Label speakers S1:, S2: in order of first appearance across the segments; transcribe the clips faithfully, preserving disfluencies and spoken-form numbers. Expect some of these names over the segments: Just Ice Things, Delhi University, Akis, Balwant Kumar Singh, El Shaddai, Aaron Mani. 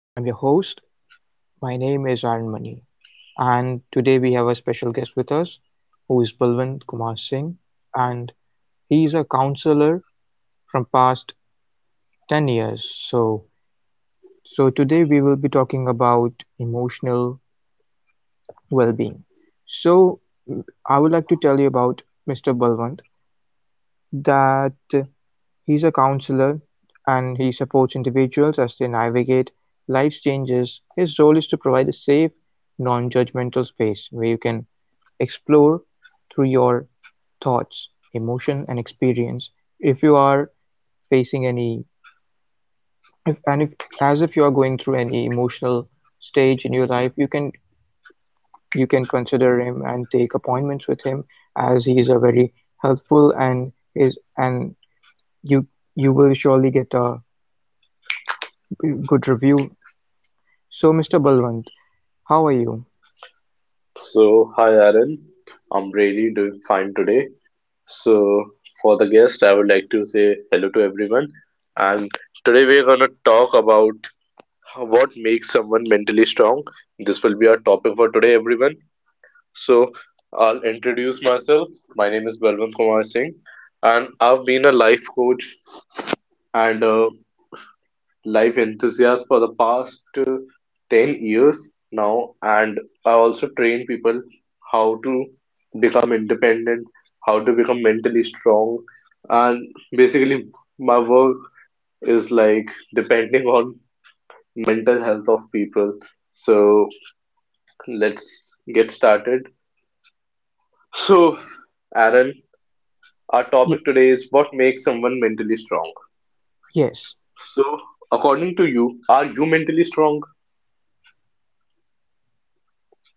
S1: I'm your host. My name is Aaron Mani, and today we have a special guest with us who is Balwant Kumar Singh, and he is a counselor from past ten years. So, so today we will be talking about emotional well-being. So, I would like to tell you about mister Balwant that he's a counselor and he supports individuals as they navigate life's changes. His role is to provide a safe, non judgmental space where you can explore through your thoughts, emotion and experience if you are facing any if and if as if you are going through any emotional stage in your life, you can you can consider him and take appointments with him as he is a very helpful and is and you you will surely get a good review. So, mister Balwant, how are you?
S2: So, hi Aaron. I'm really doing fine today. So, for the guest, I would like to say hello to everyone. And today we're gonna talk about what makes someone mentally strong. This will be our topic for today, everyone. So, I'll introduce myself. My name is Balwant Kumar Singh, and I've been a life coach and a life enthusiast for the past uh, ten years now, and I also train people how to become independent, how to become mentally strong, and basically my work is like depending on mental health of people. So let's get started. So Aaron, our topic
S1: Y
S2: today is what makes someone mentally strong.
S1: yes,
S2: So according to you, are you mentally strong?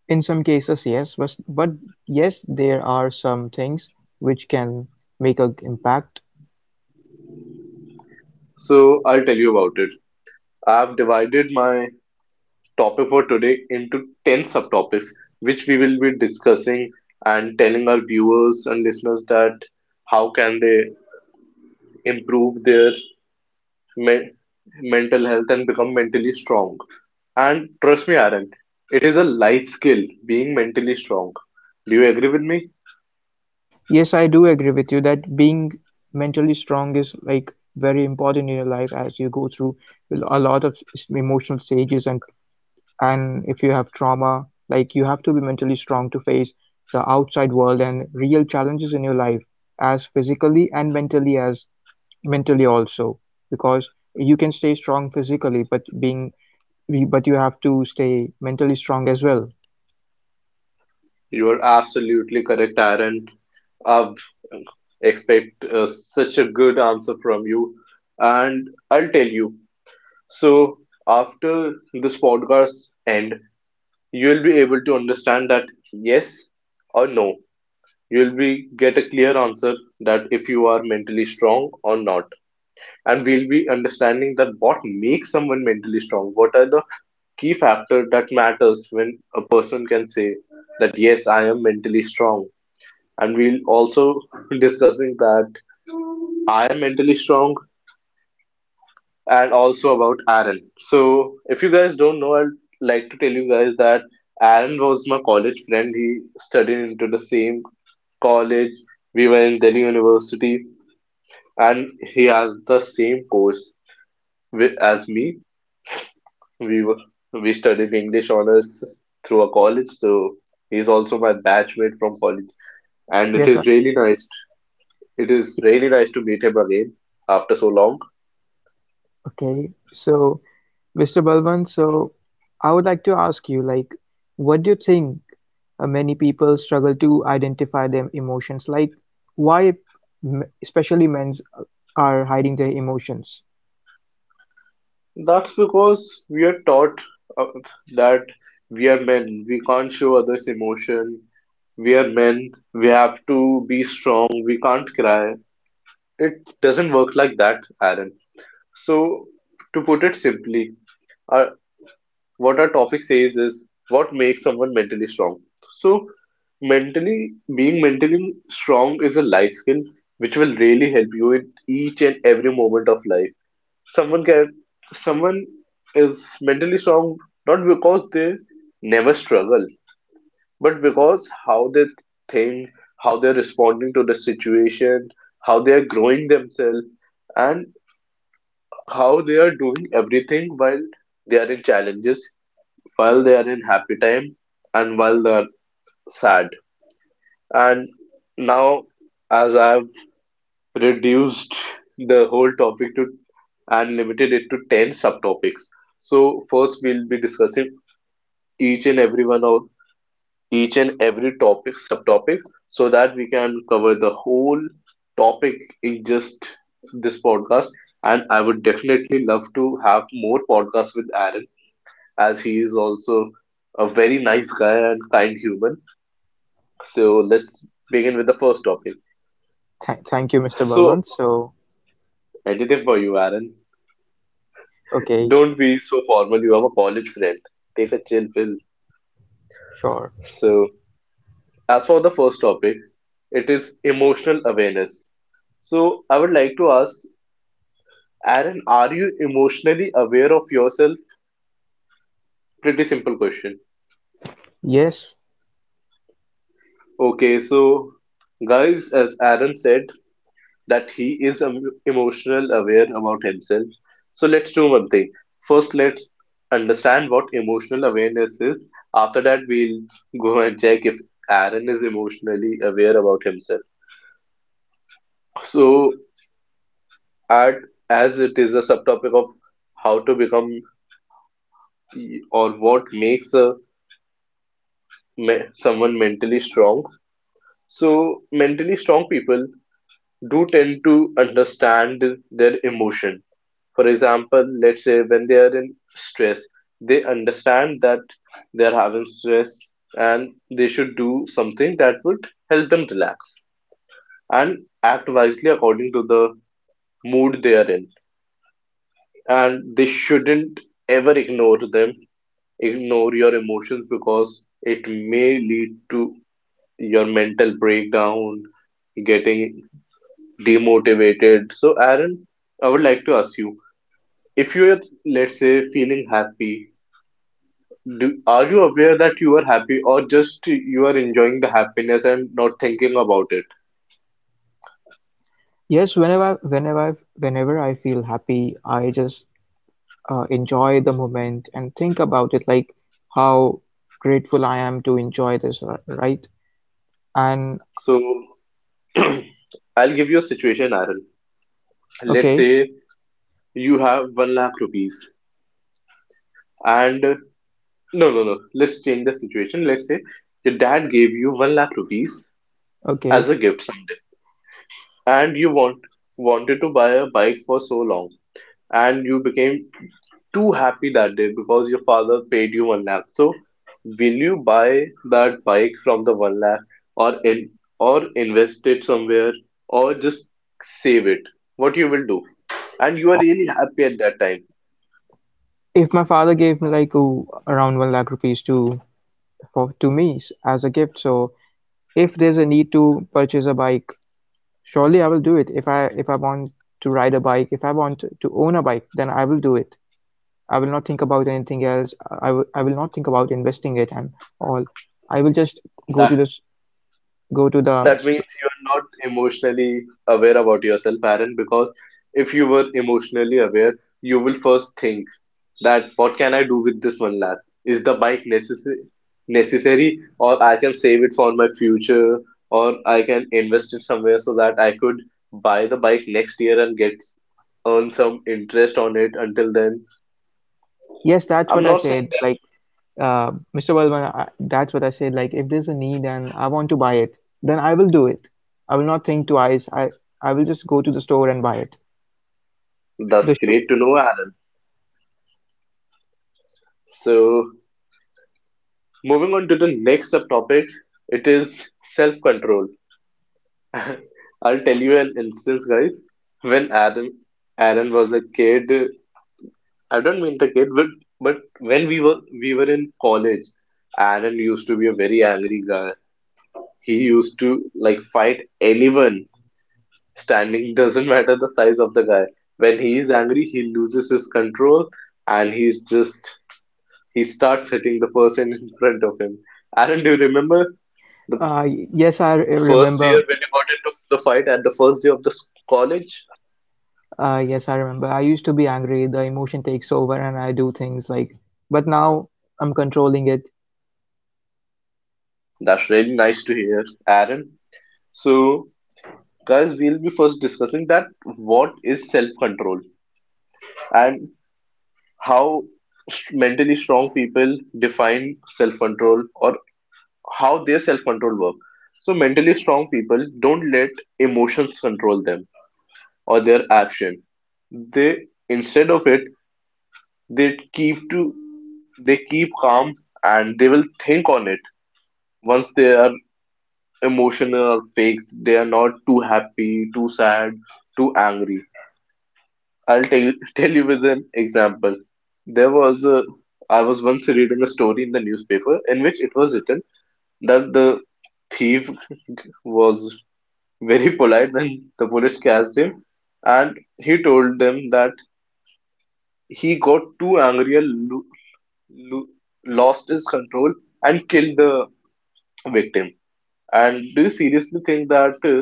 S1: in some cases, yes, but but yes, there are some things which can make an impact.
S2: So I'll tell you about it. I've divided my topic for today into ten subtopics, which we will be discussing and telling our viewers and listeners that how can they improve their me- mental health and become mentally strong. And trust me, Aaron, it is a life skill being mentally strong. Do you agree with me?
S1: Yes, I do agree with you that being mentally strong is like very important in your life as you go through a lot of s- emotional stages and and if you have trauma, like you have to be mentally strong to face the outside world and real challenges in your life as physically and mentally, as mentally also, because you can stay strong physically but being but you have to stay mentally strong as well.
S2: You are absolutely correct, Aaron. I've expect uh, such a good answer from you, and I'll tell you. So after this podcast end, you'll be able to understand that yes or no. You'll be get a clear answer that if you are mentally strong or not. And we'll be understanding that what makes someone mentally strong. What are the key factors that matters when a person can say that yes, I am mentally strong. And we'll also discussing that I am mentally strong and also about Aaron. So, if you guys don't know, I'd like to tell you guys that Aaron was my college friend. He studied into the same college. We were in Delhi University, and he has the same course wi- as me. We were we studied English honors through a college, so he's also my batchmate from college. And it
S1: Yes, I,
S2: is really nice. It is really nice to meet him again after so long.
S1: okay. So mister Balwant, so I would like to ask you, like, what do you think uh, many people struggle to identify their emotions? Like, why, m- especially men, uh, are hiding their emotions?
S2: That's because we're taught uh, that we are men, we can't show others emotion, we are men, we have to be strong, we can't cry. It doesn't work like that, Aaron. So, to put it simply, uh, what our topic says is what makes someone mentally strong. So, mentally, being mentally strong is a life skill which will really help you in each and every moment of life. Someone can someone is mentally strong not because they never struggle, but because how they think, how they're responding to the situation, how they are growing themselves, and how they are doing everything while they are in challenges, while they are in happy time, and while they are sad. And now, as I've reduced the whole topic to and limited it to ten subtopics, so first we'll be discussing each and every one of each and every topic subtopic, so that we can cover the whole topic in just this podcast. And I would definitely love to have more podcasts with Aaron, as he is also a very nice guy and kind human. So let's begin with the first topic.
S1: Th- thank you, mister
S2: So
S1: Balwant. So,
S2: anything for you, Aaron.
S1: okay,
S2: Don't be so formal, you have a college friend, take a chill pill.
S1: sure.
S2: So as for the first topic, it is emotional awareness. So I would like to ask, Aaron, are you emotionally aware of yourself? Pretty simple question.
S1: Yes,
S2: Okay, so guys, as Aaron said, that he is em- emotional aware about himself. So let's do one thing. First, let's understand what emotional awareness is. After that, we'll go and check if Aaron is emotionally aware about himself. So, at as it is a subtopic of how to become or what makes a me- someone mentally strong, so mentally strong people do tend to understand their emotion. For example, let's say when they are in stress, they understand that they are having stress, and they should do something that would help them relax and act wisely according to the mood they are in. And they shouldn't ever ignore them ignore your emotions, because it may lead to your mental breakdown, getting demotivated. So, Aaron, I would like to ask you, if you're, let's say, feeling happy, do, are you aware that you are happy, or just you are enjoying the happiness and not thinking about it?
S1: yes. Whenever, whenever, whenever I feel happy, I just uh, enjoy the moment and think about it, like how grateful I am to enjoy this, r- right? And
S2: So, I'll give you a situation, Aaron. Let's
S1: okay,
S2: say you have one lakh rupees, and uh, no, no, no, let's change the situation. Let's say your dad gave you one lakh rupees
S1: okay.
S2: as a gift. And you want wanted to buy a bike for so long, and you became too happy that day because your father paid you one lakh. So, will you buy that bike from the one lakh, or in or invest it somewhere, or just save it? What you will do? And you are really happy at that time.
S1: If my father gave me like oh, around one lakh rupees to for to me s- as a gift, so if there's a need to purchase a bike, surely I will do it. If I if I want to ride a bike, if I want to own a bike, then I will do it. I will not think about anything else. I will I will not think about investing it and all. I will just go to
S2: That
S1: this go to the
S2: that
S1: st
S2: means you are not emotionally aware about yourself, Aaron, because if you were emotionally aware, you will first think that what can I do with this one lakh? Is the bike necessary necessary, or I can save it for my future, or I can invest it somewhere so that I could buy the bike next year and get earn some interest on it until then.
S1: Yes, that's what
S2: I'm
S1: I
S2: not
S1: said.
S2: saying
S1: Like, uh, mister Balwan, I, that's what I said. Like, if there's a need and I want to buy it, then I will do it. I will not think twice. I, I will just go to the store and buy it.
S2: that
S1: The
S2: that's
S1: shoe.
S2: great to know, Aaron. So moving on to the next subtopic, it is self-control. I'll tell you an instance, guys. When Aaron Aaron was a kid, I don't mean the kid, but but when we were we were in college, Aaron used to be a very angry guy. He used to like fight anyone standing, doesn't matter the size of the guy. When he is angry, he loses his control, and he's just he starts hitting the person in front of him. Aaron, do you remember the
S1: Uh, y- yes, I re-
S2: first year
S1: remember.
S2: when you got into the fight at the first day of the s- college?
S1: Uh, yes, I remember. I used to be angry. The emotion takes over, and I do things like. But now I'm controlling it.
S2: That's really nice to hear, Aaron. So, guys, we'll be first discussing that what is self-control, and how st- mentally strong people define self-control, or how their self-control work. So mentally strong people don't let emotions control them or their action. They instead of it, they keep to they keep calm, and they will think on it once they are emotional, or fakes, they are not too happy, too sad, too angry. I'll tell you, tell you with an example. There was a, I was once reading a story in the newspaper in which it was written that the thief was very polite when the police catched him, and he told them that he got too angry and lo- lo- lost his control and killed the victim. And do you seriously think that uh,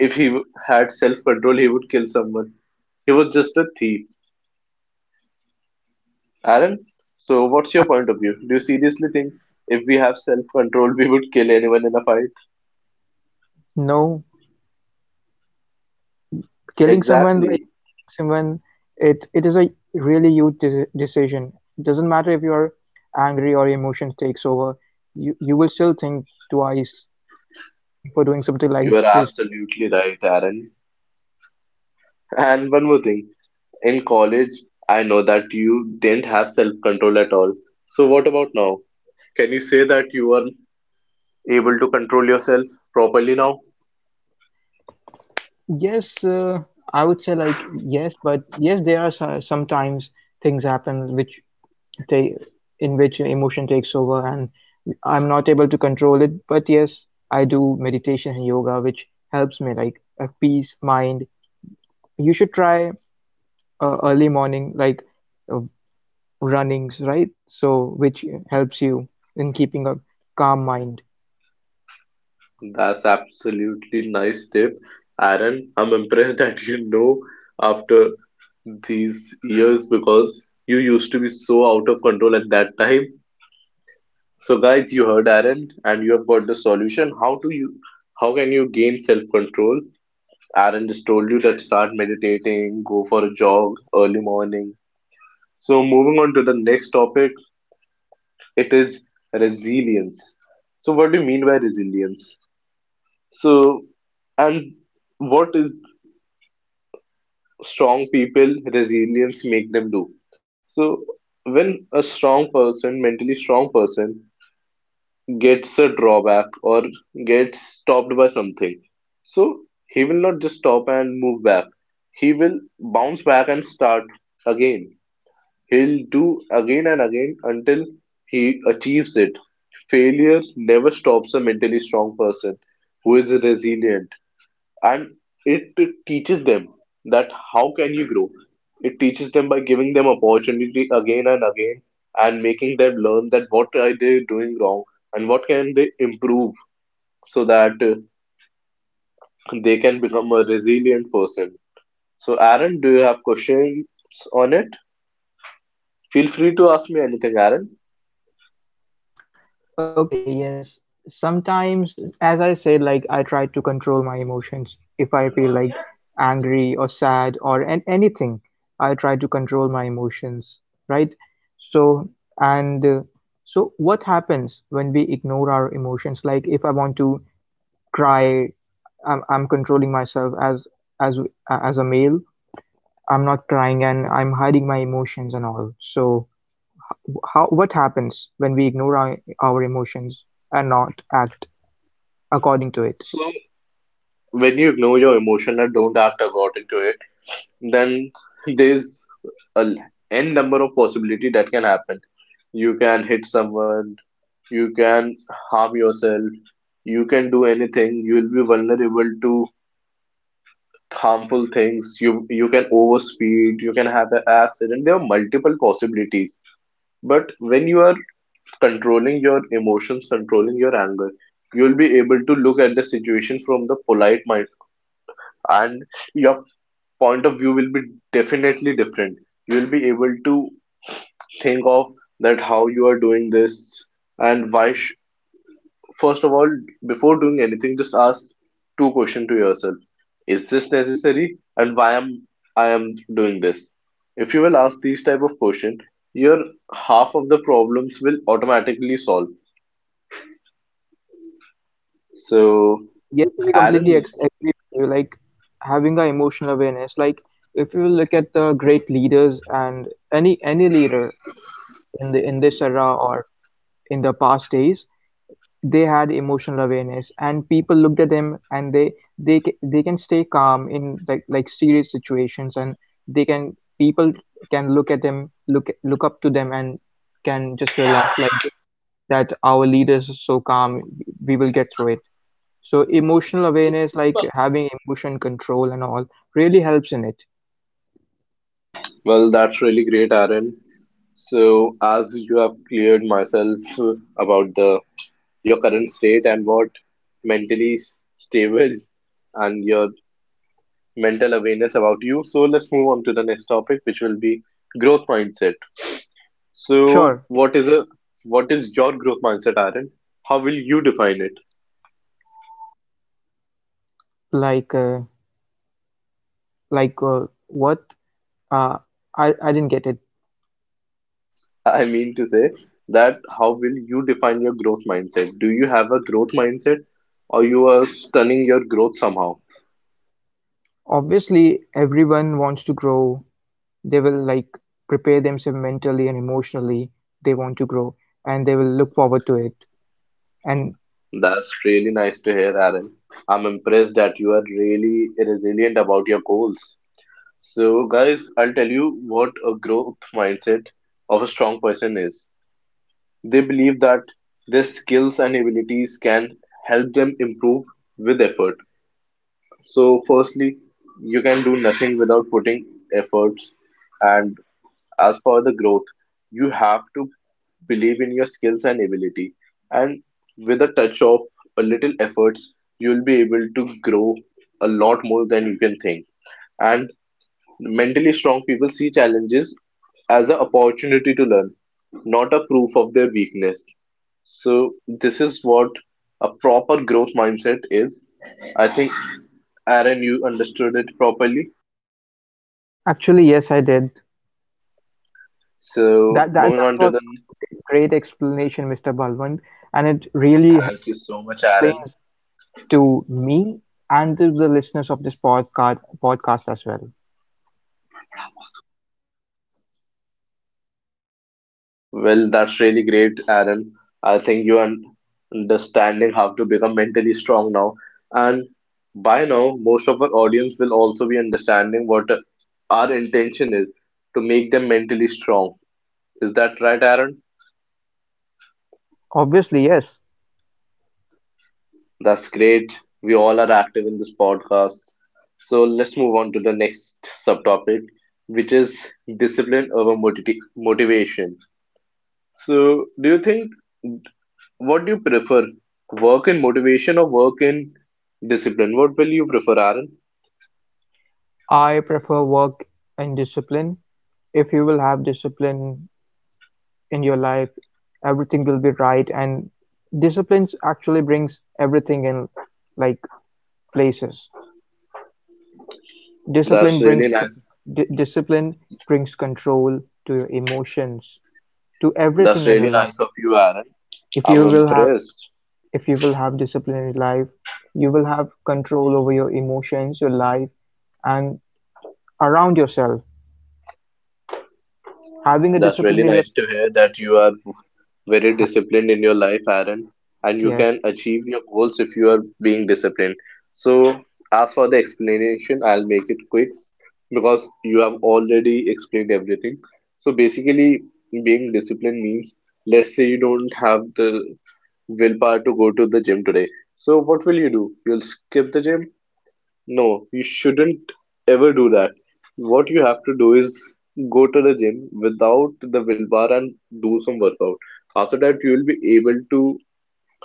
S2: if he w- had self-control, he would kill someone? He was just a thief. Aaron, so what's your
S1: At
S2: point of view? Do you seriously think if we have self control, we would kill anyone in a fight?
S1: no, killing someone like
S2: Exactly.
S1: killing someone, it it is a really huge de- decision. Doesn't matter if you're angry or emotions takes over, you you will still think twice before doing something like
S2: You are
S1: this.
S2: absolutely right, Aaron. And one more thing. In college, I know that you didn't have self control at all. So what about now? Can you say that you are able to control yourself properly now?
S1: yes uh, I would say like yes, but yes, there are so- sometimes things happen which they in which emotion takes over and I'm not able to control it, but yes, I do meditation and yoga which helps me like a peace mind. You should try uh, early morning like uh, runnings, right? So which helps you in keeping a calm mind.
S2: That's absolutely nice tip, Aaron. I'm impressed that you know, after these years, because you used to be so out of control at that time. So guys, you heard Aaron and you have got the solution. How do you how can you gain self-control? Aaron just told you that start meditating, go for a jog early morning. So moving on to the next topic, it is resilience. So what do you mean by resilience? So, and what is strong people resilience make them do? So when a strong person, mentally strong person, gets a drawback or gets stopped by something, so he will not just stop and move back. He will bounce back and start again. He'll do again and again until he achieves it. Failure never stops a mentally strong person who is resilient, and it teaches them that how can you grow. It teaches them by giving them opportunity again and again and making them learn that what are they doing wrong and what can they improve so that uh, they can become a resilient person. So Aaron, do you have questions on it? Feel free to ask me anything, Aaron.
S1: Okay, yes. Sometimes, as I said, like I try to control my emotions. If I feel like angry or sad or an- anything, I try to control my emotions, right? So, and uh, so what happens when we ignore our emotions? Like if I want to cry, I'm, I'm controlling myself as as as a male, I'm not crying and I'm hiding my emotions and all. So, how what happens when we ignore our, our emotions and not act according to it?
S2: So when you ignore your emotion and don't act according to it, then there's a l- n number of possibility that can happen. You can hit someone, you can harm yourself, you can do anything. You will be vulnerable to harmful things, you you can overspeed, you can have an accident. There are multiple possibilities. But when you are controlling your emotions, controlling your anger, you'll be able to look at the situation from the polite mind, and your point of view will be definitely different. You'll be able to think of that how you are doing this, and why sh- first of all, before doing anything, just ask two questions to yourself. Is this necessary, and why am I am doing this? If you will ask these type of question, your half of the problems will automatically solve. So
S1: Yes, I
S2: aaron
S1: completely ag-
S2: it's-
S1: agree with you. Like having our emotional awareness, like if you look at the great leaders and any any leader in the in this era or in the past days, they had emotional awareness, and people looked at them, and they they ca- they can stay calm in like like serious situations, and they can people can look at them, look look up to them, and can just relax. Like they know that our leaders are so calm, we will get through it. So emotional awareness, like having emotion control and all, really helps in it.
S2: well, that's really great, Aaron. So as you have cleared myself about the your current state and what mentally s- stable and your mental awareness about you. So let's move on to the next topic, which will be growth mindset. So
S1: Sure,
S2: what is a what is your growth mindset, Aaron? How will you define it?
S1: like uh, like uh, what? Uh, I I didn't get it.
S2: I mean to say that how will you define your growth mindset? Do you have a growth mindset or you are stunning your growth somehow?
S1: Obviously, everyone wants to grow. They will like prepare themselves mentally and emotionally. They want to grow and they will look forward to it. And
S2: That's really nice to hear, Aaron. I'm impressed that you are really resilient about your goals. So, guys, I'll tell you what a growth mindset of a strong person is. They believe that their skills and abilities can help them improve with effort. So, firstly, you can do nothing without putting efforts. And as for the growth, you have to believe in your skills and ability. And with a touch of a little efforts, you'll be able to grow a lot more than you can think. And mentally strong people see challenges as an opportunity to learn, not a proof of their weakness. So this is what a proper growth mindset is. I think Aaron, you understood it properly.
S1: actually yes I did.
S2: So
S1: that that,
S2: moving
S1: that
S2: on to
S1: was
S2: the
S1: a great great explanation Mr. Balwant, and it really h-
S2: thank you so much, Aaron.
S1: explains to me and to the listeners of this podcast podcast as well.
S2: Well, that's really great, Aaron. I think you are understanding how to become mentally strong now. And by now, most of our audience will also be understanding what our intention is to make them mentally strong. Is that right, Aaron?
S1: Obviously yes.
S2: That's great. We all are active in this podcast. So let's move on to the next subtopic, which is discipline over motiv motivation. So, do you think? What do you prefer? Work in motivation or work in discipline? What will you prefer, Aaron?
S1: I prefer work and discipline. If you will have discipline in your life, everything will be right. And disciplines actually brings everything in like places.
S2: That's
S1: Discipline
S2: really
S1: brings c-
S2: nice.
S1: di- Discipline brings control to your emotions, to everything
S2: That's
S1: in your
S2: really nice
S1: life.
S2: of you, Aaron.
S1: If
S2: I'm
S1: you will have
S2: impressed.
S1: if you will have discipline in your life, you will have control over your emotions, your life, and around yourself. Having a
S2: That's
S1: discipline
S2: really
S1: in your
S2: nice to
S1: life,
S2: hear that you are very
S1: ha-
S2: disciplined in your life, Aaron, and you
S1: yes.
S2: can achieve your goals if you are being disciplined. So, as for the explanation, I'll make it quick because you have already explained everything. So, basically, being disciplined means let's say you don't have the willpower to go to the gym today. So what will you do? You'll skip the gym? No, you shouldn't ever do that. What you have to do is go to the gym without the willpower and do some workout. After that, you will be able to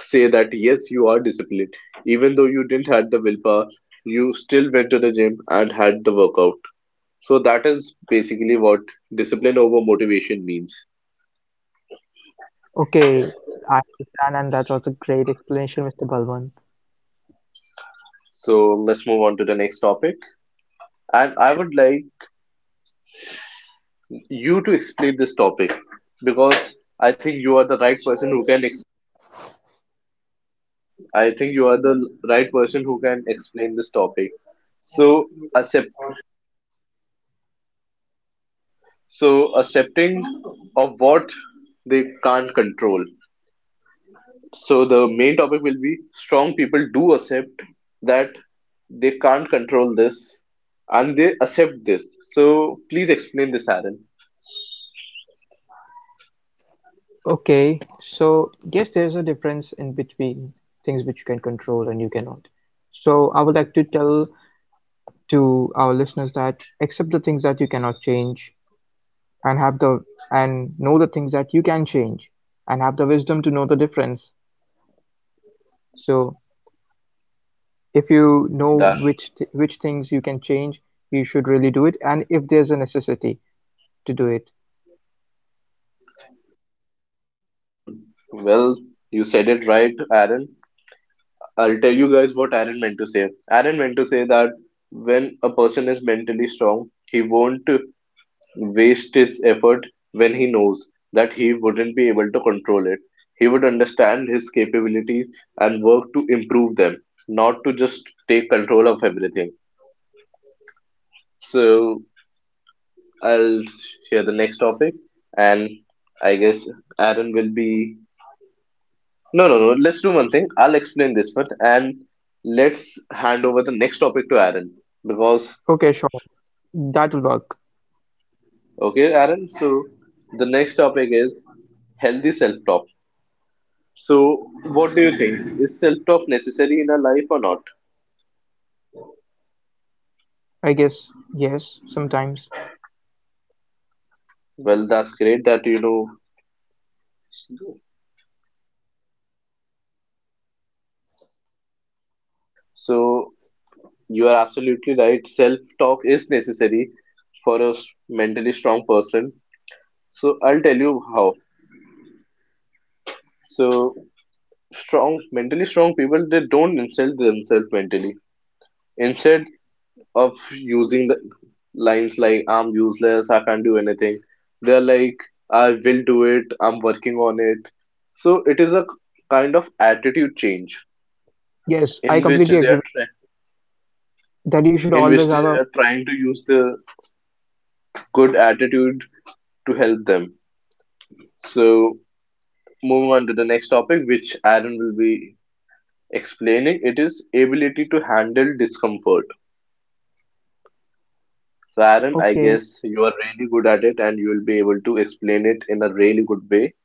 S2: say that yes, you are disciplined. Even though you didn't had the willpower, you still went to the gym and had the workout. So that is basically what discipline over motivation means.
S1: Okay, I understand, and that was a great explanation, mister Balwant.
S2: So let's move on to the next topic. And I would like you to explain this topic because I think you are the right person who can ex- I think you are the right person who can explain this topic. So accept so accepting of what they can't control. So the main topic will be strong people do accept that they can't control this, and they accept this. So please explain this, Aaron.
S1: Okay, so yes, there's a difference in between things which you can control and you cannot. So I would like to tell to our listeners that accept the things that you cannot change and have the and know the things that you can change and have the wisdom to know the difference. So if you know
S2: That
S1: which th- which things you can change, you should really do it and if there's a necessity to do it.
S2: well, you said it right, Aaron. I'll tell you guys what Aaron meant to say. Aaron meant to say that when a person is mentally strong, he won't waste his effort when he knows that he wouldn't be able to control it. He would understand his capabilities and work to improve them, not to just take control of everything. So I'll share the next topic, and I guess Aaron will be no, no, no. Let's do one thing. I'll explain this part and let's hand over the next topic to Aaron. Because,
S1: Okay, sure. That'll work.
S2: okay, Aaron, so the next topic is healthy self-talk. So, what do you think? Is self-talk necessary in our life or not?
S1: I guess yes, sometimes.
S2: Well, that's great that you know. So, you are absolutely right. Self-talk is necessary for a s- mentally strong person. So, I'll tell you how. So, strong, mentally strong people, they don't insult themselves mentally. Instead of using the lines like I'm useless, I can't do anything, they're like I will do it, I'm working on it. So it is a kind of attitude change
S1: Yes, I
S2: in which
S1: completely
S2: they
S1: agree
S2: are
S1: with
S2: try
S1: you. That you should
S2: in which
S1: always
S2: they
S1: have a
S2: are trying to use the good attitude to help them. So moving on to the next topic, which Aaron will be explaining, it is ability to handle discomfort. So Aaron, I
S1: okay,
S2: guess you are really good at it and you will be able to explain it in a really good way.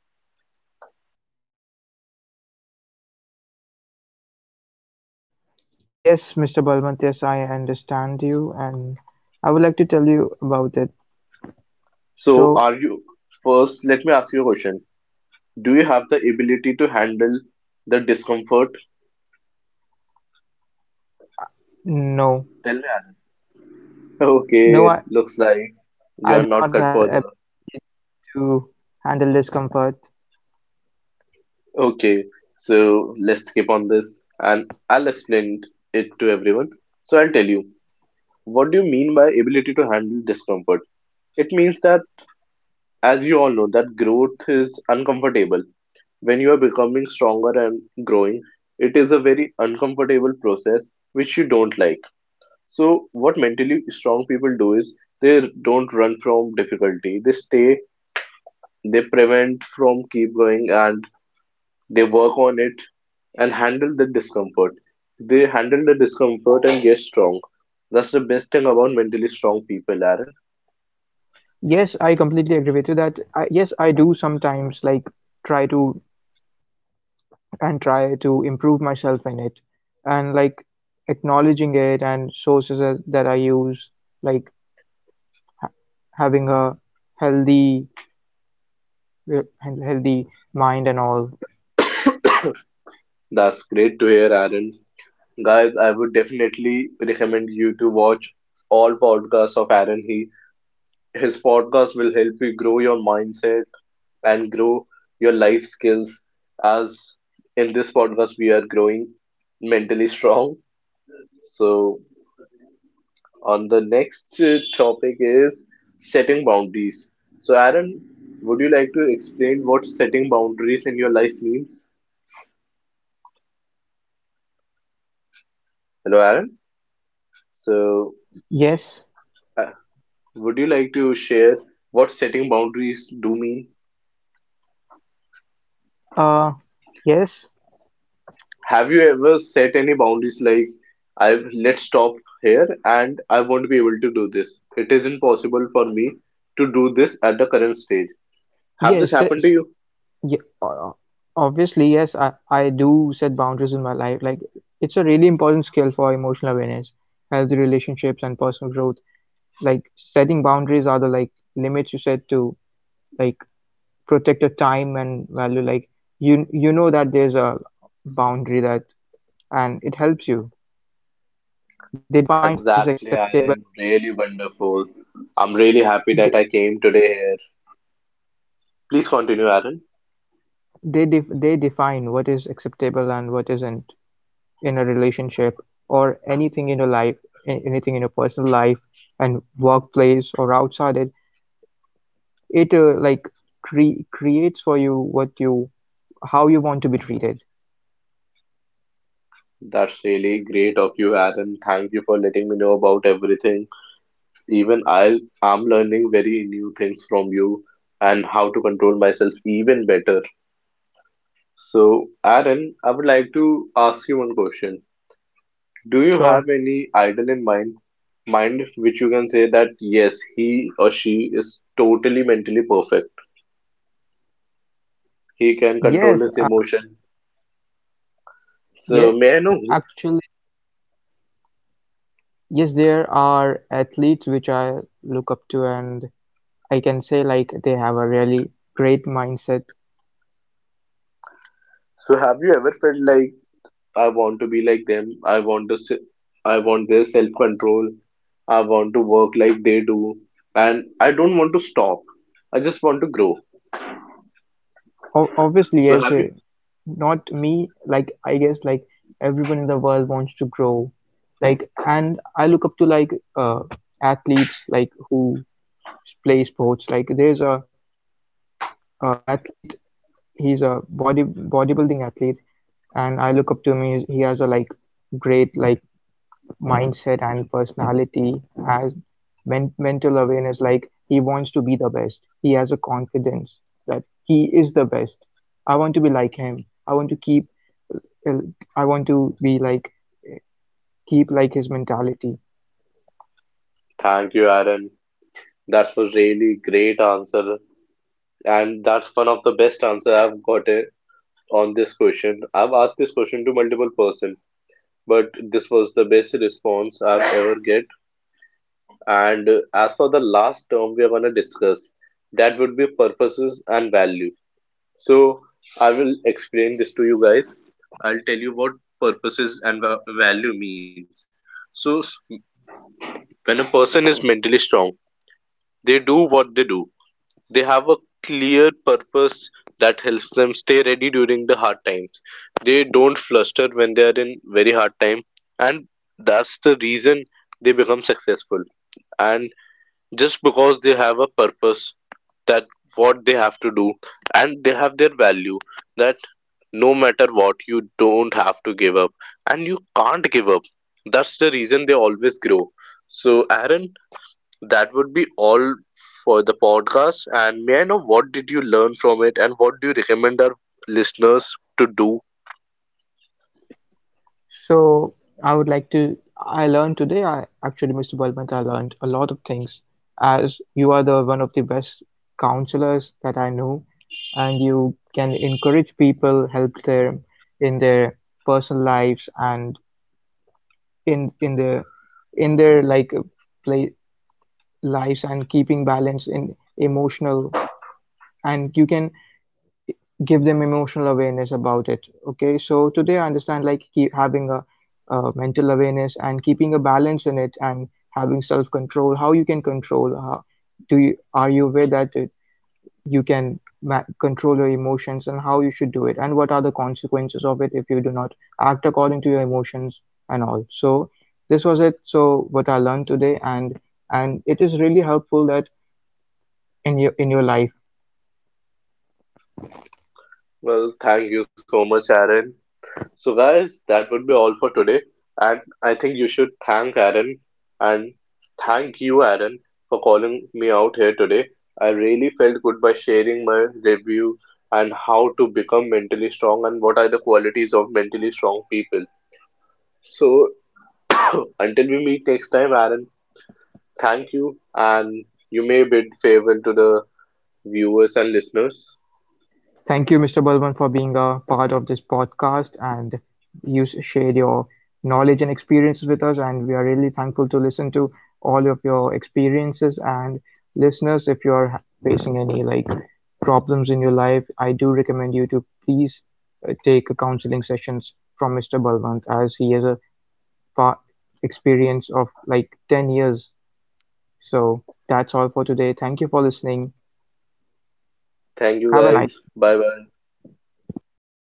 S1: yes, mister Balwant, yes, I understand you, and I would like to tell you about it.
S2: So,
S1: So,
S2: are you first? Let me ask you a question. Do you have the ability to handle the discomfort?
S1: no,
S2: Tell me, Anand.
S1: no,
S2: Okay,
S1: I,
S2: looks like you
S1: I
S2: are
S1: do
S2: not
S1: not
S2: cut
S1: have
S2: for the.
S1: ability to handle discomfort.
S2: Okay, so let's skip on this and I'll explain it to everyone. So, I'll tell you what do you mean by ability to handle discomfort? It means that, as you all know, that growth is uncomfortable. When you are becoming stronger and growing, it is a very uncomfortable process which you don't like. So what mentally strong people do is they don't run from difficulty. They stay, they prevent from keep going and they work on it and handle the discomfort. They handle the discomfort and get strong. That's the best thing about mentally strong people, Aaron.
S1: Yes, I completely agree with you that I, yes, I do sometimes like try to and try to improve myself in it, and like acknowledging it and sources that that I use, like ha having a healthy re- healthy mind and all.
S2: That's great to hear, Aaron. Guys, I would definitely recommend you to watch all podcasts of Aaron. He His podcast will help you grow your mindset and grow your life skills, as in this podcast we are growing mentally strong. So on the next uh, topic is setting boundaries. So Aaron, would you like to explain what setting boundaries in your life means? Hello Aaron. So
S1: Yes,
S2: uh, would you like to share what setting boundaries do mean?
S1: uh, yes,
S2: Have you ever set any boundaries like I've let's stop here and I won't be able to do this. It isn't possible for me to do this at the current stage. Have this
S1: yes,
S2: happened to
S1: yes,
S2: you?
S1: ye- uh, Obviously, yes, I, I do set boundaries in my life. Like, it's a really important skill for emotional awareness, healthy relationships, and personal growth. Like, setting boundaries are the like limits you set to like protect your time and value. Like, you you know that there's a boundary that, and it helps you. They define what is
S2: Exactly,
S1: acceptable.
S2: Aaron. Really wonderful. I'm really happy
S1: They,
S2: that I came today here. Please continue, Aaron.
S1: They def they define what is acceptable and what isn't in a relationship or anything in your life, a- anything in your personal life and workplace or outside it. It uh, like cre- creates for you what you how you want to be treated.
S2: That's really great of you, Aaron. Thank you for letting me know about everything. Even I am learning very new things from you and how to control myself even better. So, Aaron, I would like to ask you one question. Do you have
S1: Sure.
S2: any idol in mind, mind which you can say that yes, he or she is totally mentally perfect. He can control
S1: Yes.
S2: his
S1: Uh.
S2: emotion. So,
S1: Yeah.
S2: may I know who?
S1: Actually, yes. There are athletes which I look up to, and I can say like they have a really great mindset.
S2: So, have you ever felt like I want to be like them? I want to, se- I want their self-control. I want to work like they do, and I don't want to stop. I just want to grow.
S1: O- obviously,
S2: So,
S1: as
S2: have you?
S1: a, not me, like I guess like everyone in the world wants to grow, like and I look up to like uh, athletes like who play sports. Like there's a uh, athlete, he's a body bodybuilding athlete, and I look up to him. He's, he has a like great like mindset and personality as men- mental awareness. Like he wants to be the best. He has a confidence that he is the best. I want to be like him. i want to keep uh, I want to be like keep like his mentality.
S2: Thank you, Aaron. That was really great answer. And that's one of the best answer I've gotten on this question. I've asked this question to multiple person, but this was the best response I've ever get. And uh, as for the last term we are gonna discuss, that would be purposes and value. So I will explain this to you guys. I'll tell you what purposes and va- value means. So s- when a person is mentally strong, they do what they do. They have a clear purpose that helps them stay ready during the hard times. They don't fluster when they are in very hard time, and that's the reason they become successful. And just because they have a purpose that what they have to do, and they have their value that no matter what, you don't have to give up, and you can't give up. That's the reason they always grow. So, Aaron, that would be all for the podcast. And may I know what did you learn from it and what do you recommend our listeners to do?
S1: So I would like to. I learned today. I actually, mister Balwant, I learned a lot of things. As you are the one of the best counselors that I know, and you can encourage people, help them in their personal lives and in in their in their like play lives and keeping balance in emotional. And you can give them emotional awareness about it. Okay, so today I understand like keep having a, uh mental awareness and keeping a balance in it and having self control. How you can control, how do you are you aware that it, you can ma- control your emotions and how you should do it and what are the consequences of it if you do not act according to your emotions and all. So this was it. So what I learned today. And and it is really helpful that in your in your life.
S2: Well, thank you so much, Aaron. So, guys, that would be all for today. And I think you should thank Aaron and thank you, Aaron, for calling me out here today. I really felt good by sharing my review and how to become mentally strong and what are the qualities of mentally strong people. So, until we meet next time, Aaron, thank you, and you may bid farewell to the viewers and listeners.
S1: Thank you, mister Balwant, for being a part of this podcast and you s- shared your knowledge and experiences with us. And we are really thankful to listen to all of your experiences. And listeners, if you are ha- facing any like problems in your life, I do recommend you to please uh, take a counseling sessions from mister Balwant as he has a pa- experience of like ten years. So that's all for today. Thank you for listening.
S2: Thank you,
S1: Have a nice
S2: guys.
S1: day.
S2: Bye bye.